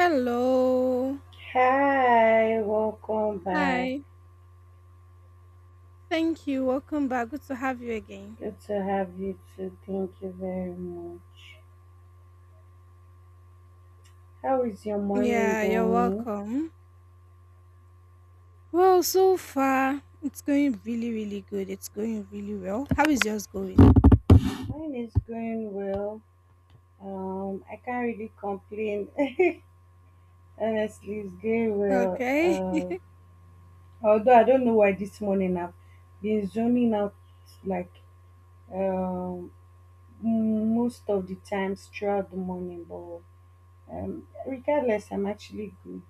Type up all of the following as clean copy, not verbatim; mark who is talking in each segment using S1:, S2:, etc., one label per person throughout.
S1: Hello.
S2: Hi, welcome back.
S1: Hi. Thank you. Welcome back. Good to have you again.
S2: Good to have you too. Thank you very much. How is your morning
S1: Yeah, you're
S2: going?
S1: welcome. Well, so far, it's going really, really good. It's going really well. How is yours going?
S2: Mine is going well. I can't really complain. Honestly, it's going well.
S1: Okay.
S2: Although I don't know why this morning I've been zoning out like um most of the times throughout the morning, but regardless, I'm actually good.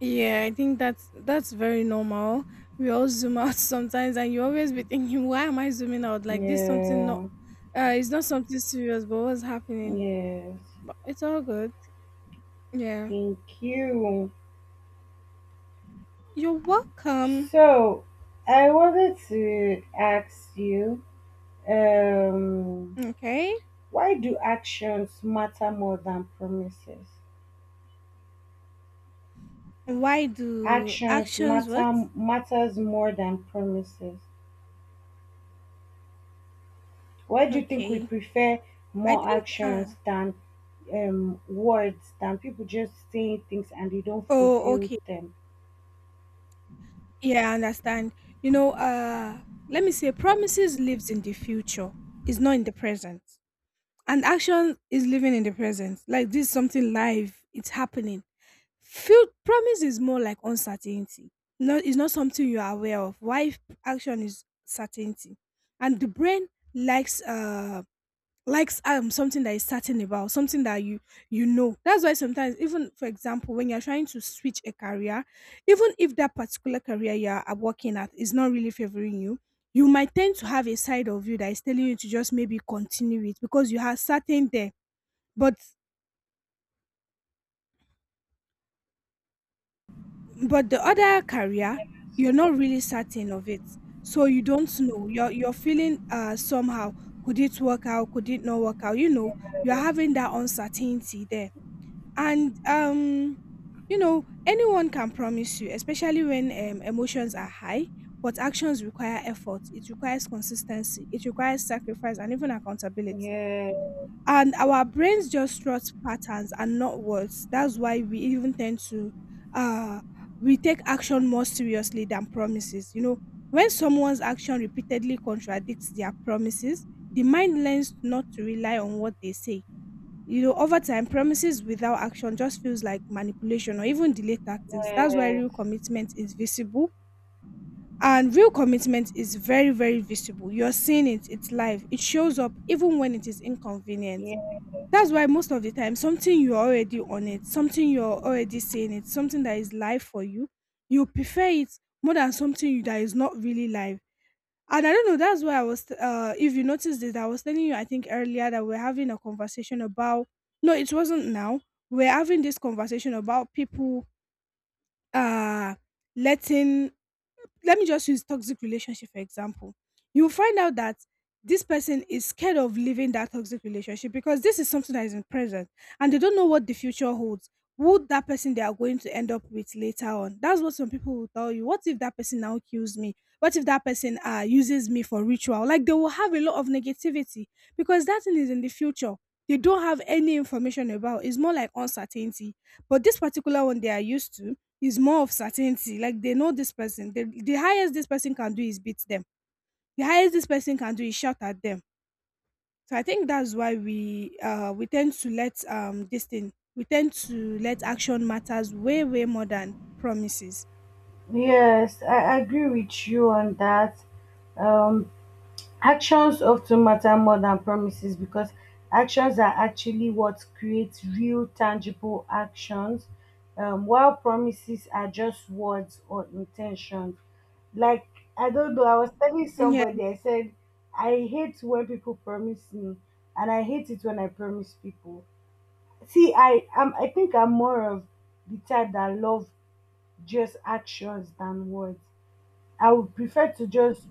S1: Yeah, I think that's very normal. We all zoom out sometimes, and you always be thinking, "Why am I zooming out? Like this, something not,
S2: Yeah,
S1: it's not something serious, but what's happening?
S2: yes.
S1: But it's all good. Yeah,
S2: Thank you.
S1: you're welcome.
S2: So, I wanted to ask you, um,
S1: Okay.
S2: why do actions matter more than promises?
S1: Why do
S2: Actions
S1: actions what?
S2: matter matters more than promises. Why do you think we
S1: Okay.
S2: prefer
S1: I
S2: more
S1: think uh
S2: actions than words than people just saying things and they don't
S1: oh
S2: fulfill
S1: okay.
S2: them?
S1: Yeah, I understand. You know, let me say promises lives in the future, is not in the present. And action is living in the present. Like this is something live, it's happening. Feel promise is more like uncertainty. No, it's not something you are aware of. Why action is certainty. And the brain likes uh likes something that is certain about something that you know that's why sometimes, even for example, when you're trying to switch a career, even if that particular career you're working at is not really favoring you, you might tend to have a side of you that is telling you to just maybe continue it because you are certain there. But but the other career, you're not really certain of it, so you don't know, you're feeling somehow. Could it work out? Could it not work out? You know, you're having that uncertainty there. And You know, anyone can promise you, especially when emotions are high, but actions require effort. It requires consistency. It requires sacrifice and even accountability.
S2: Yeah,
S1: And our brains just trust patterns and not words. That's why we even tend to, uh, we take action more seriously than promises. You know, when someone's action repeatedly contradicts their promises, the mind learns not to rely on what they say. You know, over time, promises without action just feels like manipulation or even delay tactics. That's why
S2: yes,
S1: real commitment is visible. And real commitment is very, very visible. You're seeing it, it's live, it shows up even when it is inconvenient.
S2: yes.
S1: That's why most of the time, something you're already on it, something you're already seeing it, something that is live for you, you prefer it more than something that is not really live. And I don't know, that's why I was, if you noticed it, I was telling you, I think earlier that we're having a conversation about, no, it wasn't now. We're having this conversation about people, uh, letting, let me just use toxic relationship for example. You will find out that this person is scared of leaving that toxic relationship because this is something that is in present, and they don't know what the future holds. Who that person they are going to end up with later on, that's what some people will tell you. What if that person now kills me? What if that person uses me for ritual? Like, they will have a lot of negativity because that thing is in the future. They don't have any information about It's more like uncertainty. But this particular one they are used to is more of certainty. Like they know this person. The highest this person can do is beat them. The highest this person can do is shout at them. So I think that's why we tend to let this thing, we tend to let action matters way, way more than promises.
S2: Yes, I agree with you on that. Um, Actions often matter more than promises because actions are actually what creates real, tangible actions, while promises are just words or intentions. Like, I don't know, I was telling
S1: Yeah.
S2: somebody, I said, I hate when people promise me, and I hate it when I promise people. See, I am. I think I'm more of the type that love just actions than words. I would prefer to just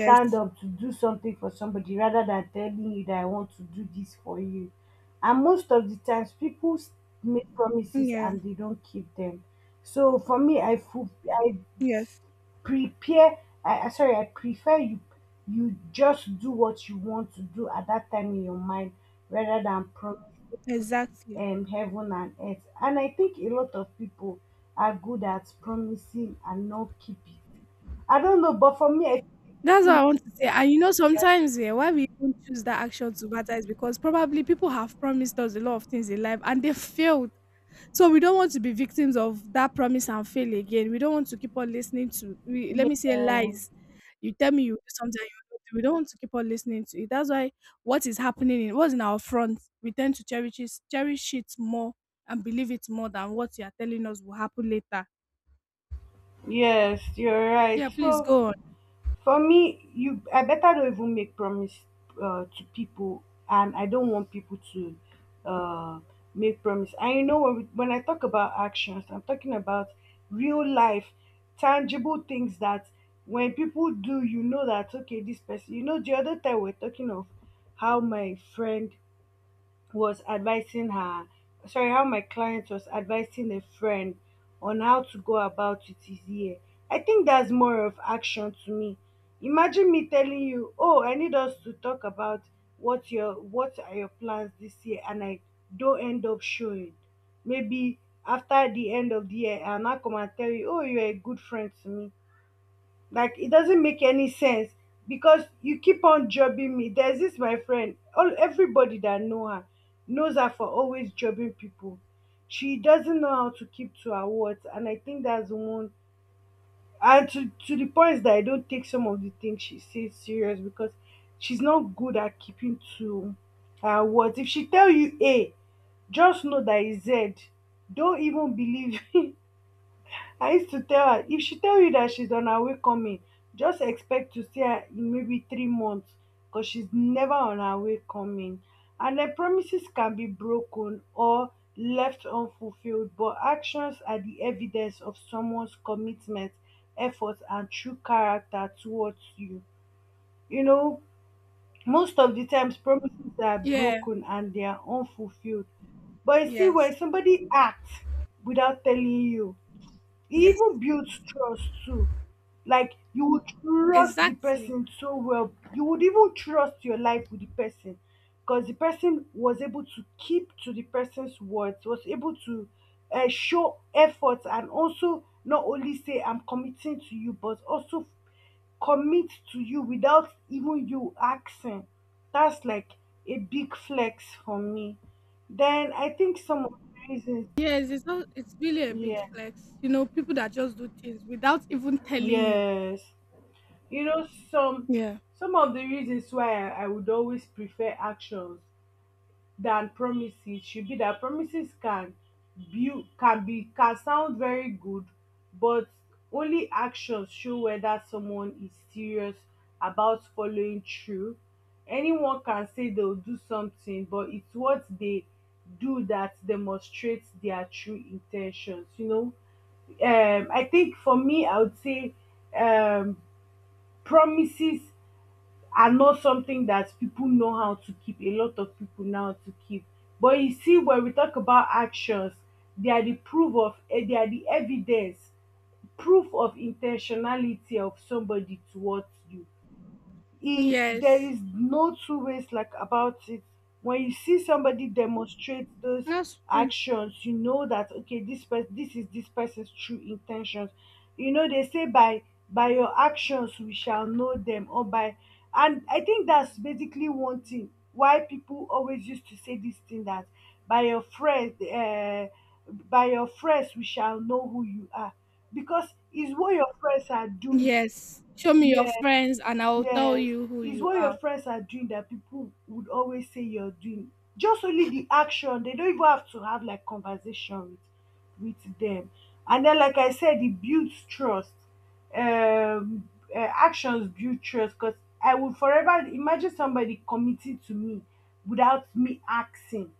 S2: stand up to do something for somebody rather than telling you that I want to do this for you. And most of the times, make promises
S1: Yeah.
S2: and they don't keep them. So for me, I feel I
S1: Yes.
S2: prepare I- sorry, I prefer you just do what you want to do at that time in your mind rather than promising
S1: Exactly.
S2: heaven and earth. And I think a lot of people are good at promising and not keeping. I don't know, but for me,
S1: That's what
S2: think,
S1: I want to say. And you know, sometimes, yeah, why we even choose that action to matter is because probably people have promised us a lot of things in life and they failed. So we don't want to be victims of that promise and fail again. We don't want to keep on listening to, we, let me say,
S2: yeah,
S1: lies. You tell me you do something and you don't do. We don't want to keep on listening to it. That's why what is happening in, what's in our front, we tend to cherish it more, and believe it more than what you are telling us will happen later.
S2: yes, you're right.
S1: Yeah, please
S2: So
S1: go on.
S2: for me, you I better don't even make promise to people, and I don't want people to uh, make promise. And you know, when I talk about actions, I'm talking about real life, tangible things that when people do, you know that okay, this person. You know, the other time we're talking of how my friend was advising her sorry how my client was advising a friend on how to go about it his year. I think that's more of action to me. Imagine me telling you, oh, I need us to talk about what are your plans this year, and I don't end up showing, maybe, after the end of the year, I'll now come and tell you, oh, you're a good friend to me. Like, it doesn't make any sense because you keep on jobbing me. There's this my friend. All everybody that know her knows her for always jobbing people. She doesn't know how to keep to her words, and I think that's one. And to the point that I don't take some of the things she says serious because she's not good at keeping to her words. If she tell you A, just know that it's Z. Don't even believe. I used to tell her, if she tell you that she's on her way coming, just expect to see her in maybe 3 months because she's never on her way coming. And then promises can be broken or left unfulfilled, but actions are the evidence of someone's commitment, effort, and true character towards you. You know, most of the times promises are
S1: Yeah,
S2: broken and they are unfulfilled. But you see, when
S1: yes,
S2: somebody acts without telling you, he
S1: yes,
S2: even builds trust too. Like, you would trust the
S1: exactly.
S2: person so well, you would even trust your life with the person because the person was able to keep to the person's words, was able to show effort and also not only say I'm committing to you, but also commit to you without even you asking. That's like a big flex for me. Then I think some of the reasons,
S1: Yes, it's not, it's really a big
S2: yes,
S1: flex. You know, people that just do things without even telling you.
S2: yes. You know,
S1: Yeah.
S2: some of the reasons why I would always prefer actions than promises should be that promises can sound very good, but only actions show whether someone is serious about following through. Anyone can say they'll do something, but it's what they do that demonstrates their true intentions. You know, I think for me, I would say, um promises are not something that people know how to keep. A lot of people know how to keep. But you see, when we talk about actions, they are the proof of, they are the evidence, proof of intentionality of somebody towards you. He, there
S1: Yes,
S2: is no two ways like about it. When you see somebody demonstrate those
S1: that's true.
S2: actions, you know that okay, this person, this is this person's true intentions. You know, they say by your actions we shall know them, or by, and I think that's basically one thing why people always used to say this thing that by your friends we shall know who you are because it's what your friends are doing.
S1: Yes. Show me your
S2: Yeah.
S1: friends and I'll tell
S2: Yes,
S1: you who
S2: it's
S1: you
S2: what your
S1: are.
S2: friends are doing that people would always say you're doing. Just only the action. They don't even have to have like conversation with them. And then, like I said, it builds trust. Actions build trust because I would forever imagine somebody committing to me without me asking.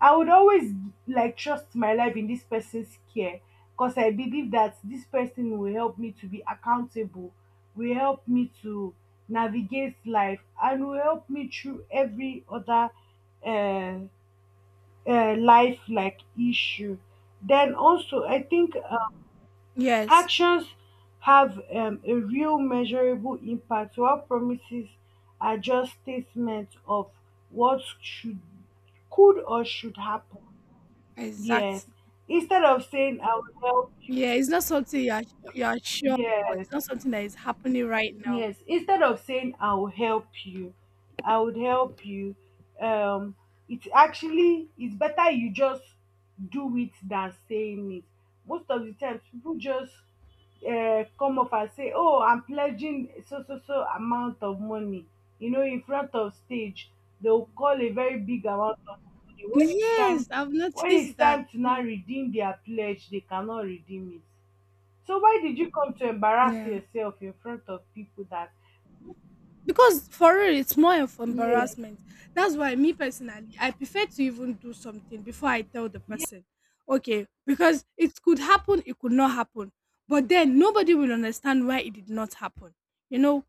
S2: I would always like trust my life in this person's care because I believe that this person will help me to be accountable, will help me to navigate life, and will help me through every other uh, life like issue. Then also, I think
S1: Yes,
S2: actions have a real measurable impact, while promises are just statements of what should, could, or should happen. Yes.
S1: exactly.
S2: Instead of saying I will help you,
S1: Yeah, it's not something you are sure, or
S2: yes.
S1: it's not something that is happening right now.
S2: Yes, instead of saying I will help you, I would help you. um it's actually it's better you just do it than saying it. Most of the times people just come up and say, oh, I'm pledging so so so amount of money, you know, in front of stage, they'll call a very big amount of money. When it's
S1: Yes,
S2: time,
S1: I've
S2: when it's
S1: noticed that
S2: time to now
S1: too.
S2: redeem their pledge, they cannot redeem it. So why did you come to embarrass
S1: Yeah.
S2: yourself in front of people that,
S1: Because for real, it's more of
S2: yes,
S1: embarrassment. That's why me personally, I prefer to even do something before I tell the person, okay, because it could happen, it could not happen, but then nobody will understand why it did not happen. You know,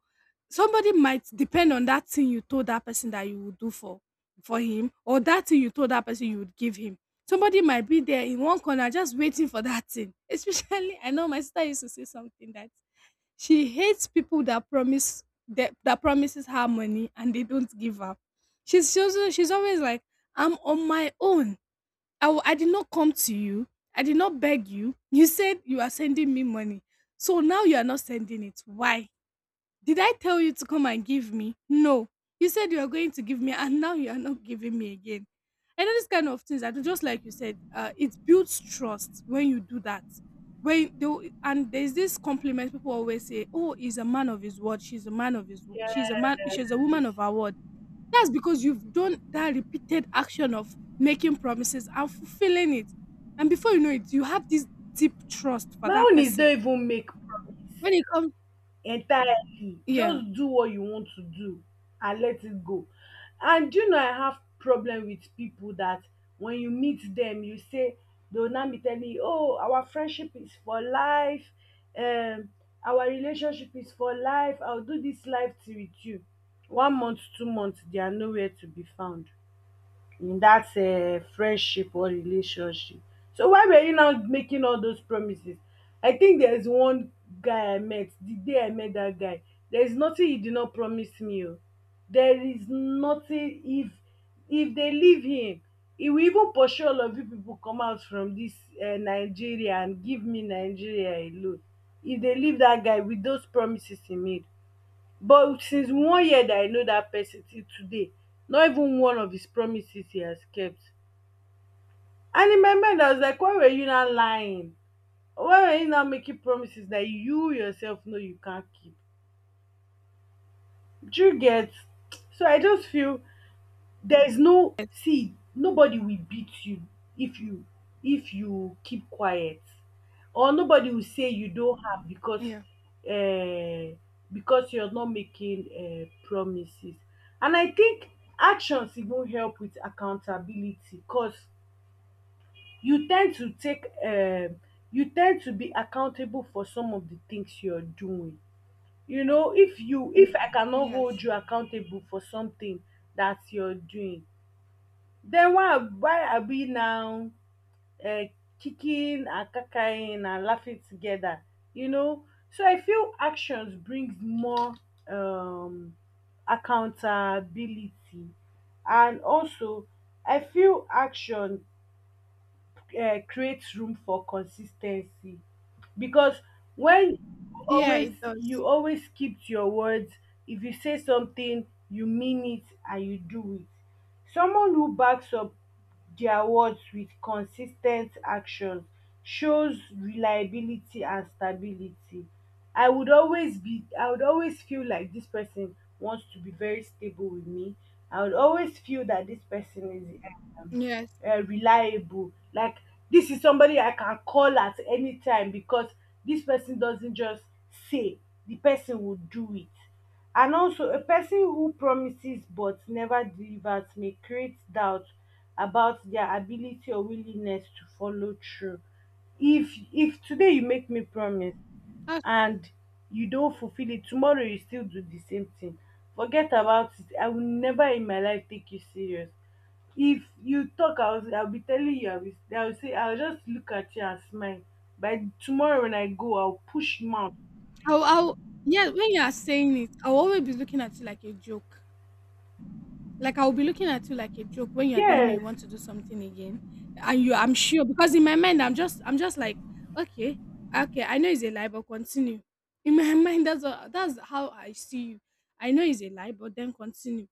S1: somebody might depend on that thing you told that person that you would do for him, or that thing you told that person you would give him. Somebody might be there in one corner just waiting for that thing. Especially, I know my sister used to say something that she hates people that promise, that promises her money and they don't give her. She's always like, I'm on my own. I, I did not come to you. I did not beg you. You said you are sending me money. So now you are not sending it. Why? Did I tell you to come and give me? No. You said you were going to give me, and now you are not giving me again. I know this kind of things. I do just like you said. It builds trust when you do that. When they, and there's this compliment people always say, "Oh, he's a man of his word. She's a man of his. She's a man. She's a woman
S2: yes.
S1: of her word." That's because you've done that repeated action of making promises and fulfilling it, and before you know it, you have this deep trust for
S2: My
S1: that
S2: own is
S1: person.
S2: don't even make promise
S1: When it comes,
S2: entirely.
S1: yeah,
S2: Just do what you want to do and let it go. And you know I have problem with people that when you meet them, you say, they'll now be telling you, oh, our friendship is for life, um, our relationship is for life, I'll do this life till with you. 1 month, 2 months, they are nowhere to be found in that friendship or relationship. So why were you now making all those promises? I think there is one guy I met, the day I met that guy, there is nothing he did not promise me. Oh, there is nothing. If they leave him, he will even pursue all of you people come out from this Nigeria and give me Nigeria alone. If they leave that guy with those promises he made, but since 1 year that I know that person till today, not even one of his promises he has kept. And in my mind I was like, why were you not lying? Why were you not making promises that you yourself know you can't keep? Do you get? So I just feel, there is no,
S1: yes,
S2: see, nobody will beat you if you if you keep quiet, or nobody will say you don't have
S1: yeah,
S2: uh, because you're not making promises. And I think actions even help with accountability because you tend to take you tend to be accountable for some of the things you're doing. You know, if I cannot hold
S1: yes.
S2: you accountable for something that you're doing, then why are we now uh, kicking and cackling and laughing together? You know, so I feel actions brings more um, accountability, and also I feel action creates room for consistency, because when
S1: Yeah, it does.
S2: you always keep to your words. If you say something, you mean it and you do it. Someone who backs up their words with consistent action shows reliability and stability. I would always feel like this person wants to be very stable with me. I would always feel that this person is um,
S1: Yes,
S2: reliable. Like, this is somebody I can call at any time because this person doesn't just say, the person will do it. And also a person who promises but never delivers may create doubt about their ability or willingness to follow through. If today you make me promise
S1: that's true.
S2: and you don't fulfill it, tomorrow you still do the same thing, forget about it. I will never in my life take you serious. If you talk, I will say, I'll just look at you and smile. By tomorrow when I go, I'll push mouth.
S1: I'll, I'll, yeah, when you are saying it, I'll always be looking at you like a joke. Like I'll be looking at you like a joke when you are telling me
S2: Yes,
S1: you want to do something again, and you, I'm sure, because in my mind, I'm just like, okay, okay, I know it's a lie, but continue. In my mind, that's what, that's how I see you. I know it's a lie, but then continue.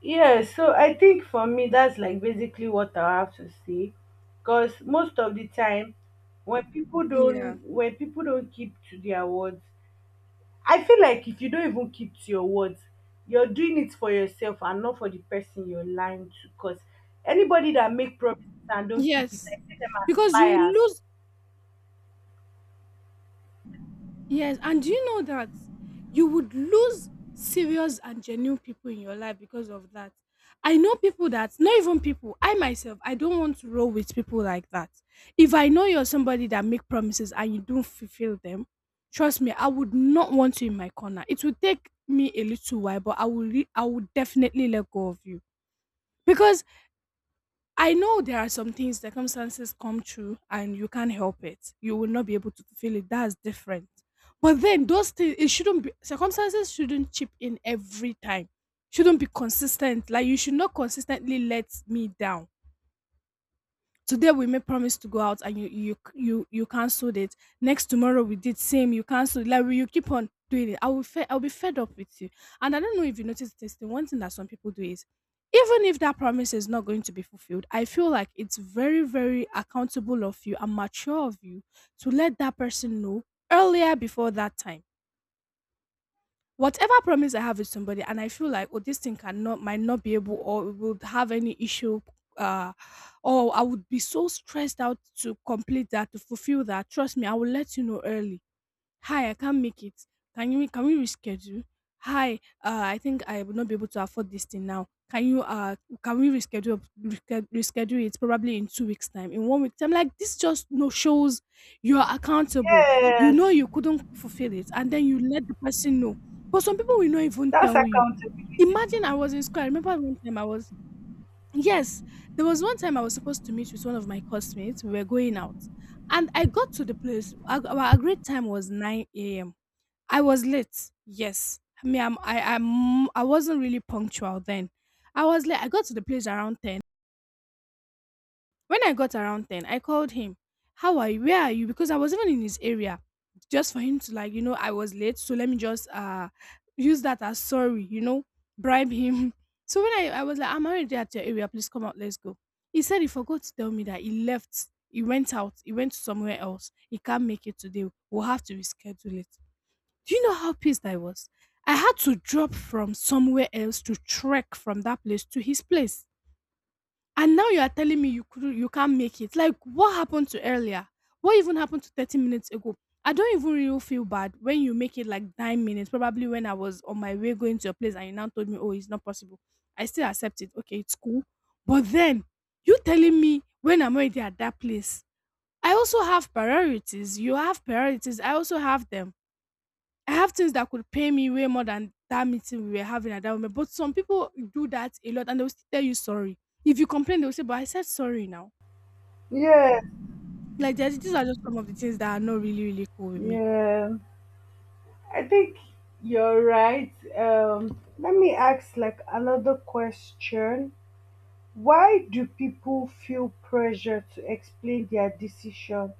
S2: yes. So I think for me that's like basically what I have to say because most of the time
S1: Yeah.
S2: when people don't keep to their words, I feel like if you don't even keep to your words, you're doing it for yourself and not for the person you're lying to because anybody that make promises and don't keep it,
S1: Yes.
S2: I see them as
S1: Because you
S2: liars.
S1: lose. Yes, and do you know that you would lose serious and genuine people in your life because of that? I know people that, not even people, I myself, I don't want to roll with people like that. If I know you're somebody that make promises and you don't fulfill them, trust me, I would not want you in my corner. It would take me a little while, but I will, I will definitely let go of you, because I know there are some things, circumstances come true and you can't help it. You will not be able to fulfill it. That's different. But then those things, it shouldn't be, circumstances shouldn't chip in every time. Shouldn't be consistent. Like you should not consistently let me down. Today we made promise to go out and you cancelled it. Next tomorrow we did same, you cancelled. Like, will you keep on doing it? I will, I'll be fed up with you. And I don't know if you notice this thing. One thing that some people do is, even if that promise is not going to be fulfilled, I feel like it's very, very accountable of you and mature of you to let that person know earlier before that time. Whatever promise I have with somebody, and I feel like, oh, this thing cannot, might not be able, or it would have any issue, uh, or I would be so stressed out to complete that, to fulfill that. Trust me, I will let you know early. Hi, I can't make it. Can we reschedule? Hi, I think I would not be able to afford this thing now. Can you can we reschedule, reschedule it probably in 2 weeks time, in 1 week time? Like this just no shows. You are accountable. You know
S2: Yes.
S1: you couldn't fulfill it, and then you let the person know. But some people will not even
S2: That's
S1: tell you.
S2: accountability.
S1: Imagine I was in school. I remember one time I was, yes, there was one time I was supposed to meet with one of my classmates. We were going out, and I got to the place. Our agreed time was nine a.m. I was late. Yes. Me, I wasn't really punctual then. I was late. I got to the place around 10. When I got around 10, I called him. How are you? Where are you? Because I was even in his area. Just for him to like, I was late. So let me just use that as sorry, bribe him. So when I was like, I'm already at your area, please come out, let's go. He said he forgot to tell me that he left. He went out. He went somewhere else. He can't make it today. We'll have to reschedule it. Do you know how pissed I was? I had to drop from somewhere else to trek from that place to his place. And now you are telling me you can't make it. Like what happened to earlier? What even happened to 30 minutes ago? I don't even really feel bad when you make it like 9 minutes, probably when I was on my way going to your place and you now told me, oh, it's not possible. I still accept it. Okay, it's cool. But then you telling me when I'm already at that place. I also have priorities. You have priorities. I also have them. I have things that could pay me way more than that meeting we were having at that moment. But some people do that a lot and they'll still tell you sorry. If you complain, they'll say, but I said sorry now.
S2: Yes,
S1: These are just some of the things that are not really, really cool with me.
S2: yeah. I think you're right. Let me ask like another question. Why do people feel pressure to explain their decision?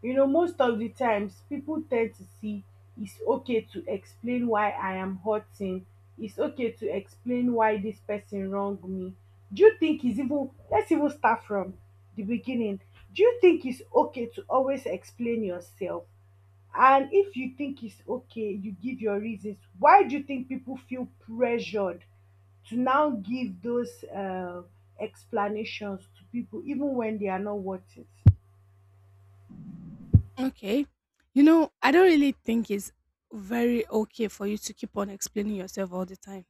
S2: You know, most of the times people tend to see it's okay to explain why I am hurting, it's okay to explain why this person wronged me. Do you think it's even, let's even start from the beginning. Do you think it's okay to always explain yourself? And if you think it's okay, you give your reasons. Why do you think people feel pressured to now give those explanations to people even when they are not worth it?
S1: Okay. You know, I don't really think it's very okay for you to keep on explaining yourself all the time.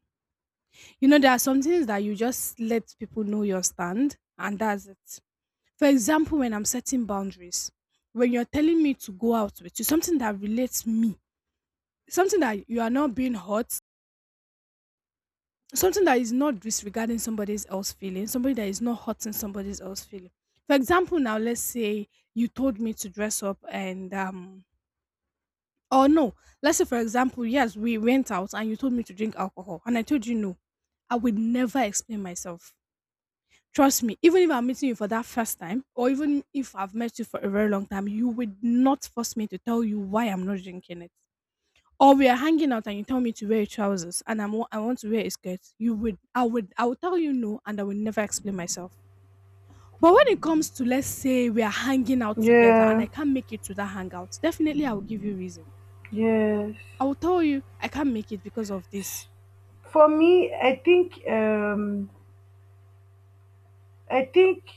S1: You know, there are some things that you just let people know your stand and that's it. For example, when I'm setting boundaries, when you're telling me to go out with you, something that relates me, something that you are not being hurt, something that is not disregarding somebody else's feeling, somebody that is not hurting somebody else's feeling. For example, now let's say you told me to dress up and or no, let's say for example, yes, we went out and you told me to drink alcohol and I told you no. I would never explain myself. Trust me, even if I'm meeting you for that first time, or even if I've met you for a very long time, you would not force me to tell you why I'm not drinking it. Or we are hanging out and you tell me to wear trousers and I want to wear a skirt. You would I would tell you no and I will never explain myself. But when it comes to let's say we are hanging out together and
S2: Yeah,
S1: I can't make it to that hangout, definitely I will give you reason.
S2: yes,
S1: I will tell you I can't make it because of this.
S2: for me I think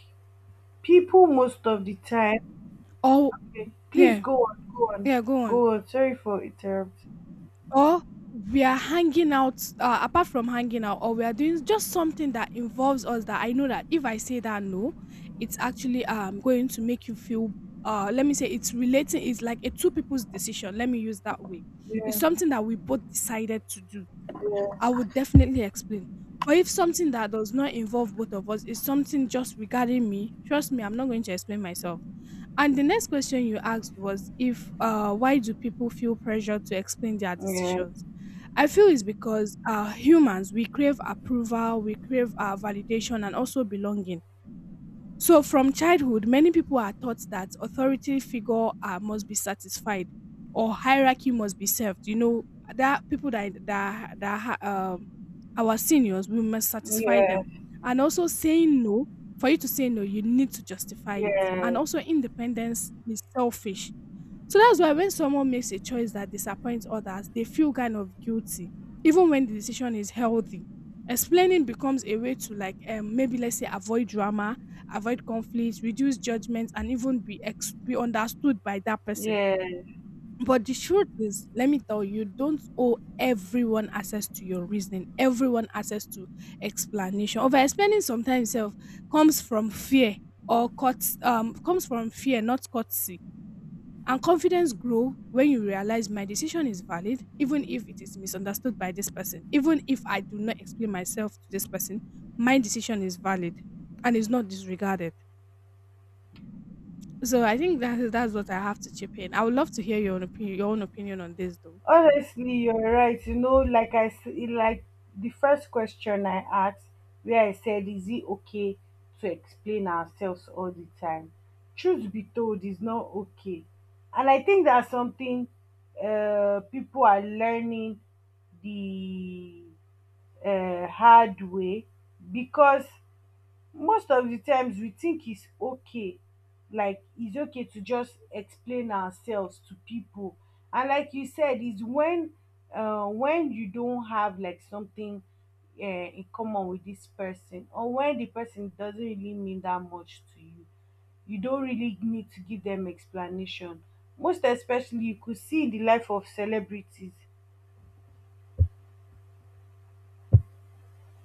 S2: people most of the time.
S1: Oh,
S2: Okay, please
S1: yeah.
S2: go on.
S1: Yeah, go
S2: Go
S1: on.
S2: on, sorry for interrupting.
S1: Or we are hanging out, apart from hanging out, or we are doing just something that involves us, that I know that if I say that no, it's actually going to make you feel, let me say it's relating, it's like a two people's decision, let me use that way. It's
S2: Yeah,
S1: something that we both decided to do. I
S2: yeah,
S1: would definitely explain. But if something that does not involve both of us is something just regarding me, trust me, I'm not going to explain myself. And the next question you asked was if, why do people feel pressure to explain their
S2: yeah,
S1: decisions? I feel it's because humans, we crave approval, we crave validation, and also belonging. So from childhood, many people are taught that authority figure must be satisfied or hierarchy must be served. You know, that people our seniors, we must satisfy them,
S2: yeah,
S1: and also saying no. For you to say no, you need to justify it,
S2: yeah,
S1: and also independence is selfish. So that's why when someone makes a choice that disappoints others, they feel kind of guilty, even when the decision is healthy. Explaining becomes a way to, like, maybe let's say avoid drama, avoid conflict, reduce judgment, and even be understood by that person.
S2: yeah.
S1: But the truth is, let me tell you, don't owe everyone access to your reasoning, everyone access to explanation. Over explaining sometimes self comes from fear, or cuts comes from fear, not courtesy, and confidence grow when you realize my decision is valid, even if it is misunderstood by this person. Even if I do not explain myself to this person, my decision is valid and is not disregarded. So I think that that's what I have to chip in. I would love to hear your own opinion on this though.
S2: Honestly, you're right. You know, like like the first question I asked, where I said, "Is it okay to explain ourselves all the time?" Truth be told, is not okay, and I think that's something people are learning the hard way because most of the times we think it's okay, like it's okay to just explain ourselves to people. And like you said, is when you don't have like something in common with this person, or when the person doesn't really mean that much to you, you don't really need to give them explanation, most especially you could see in the life of celebrities.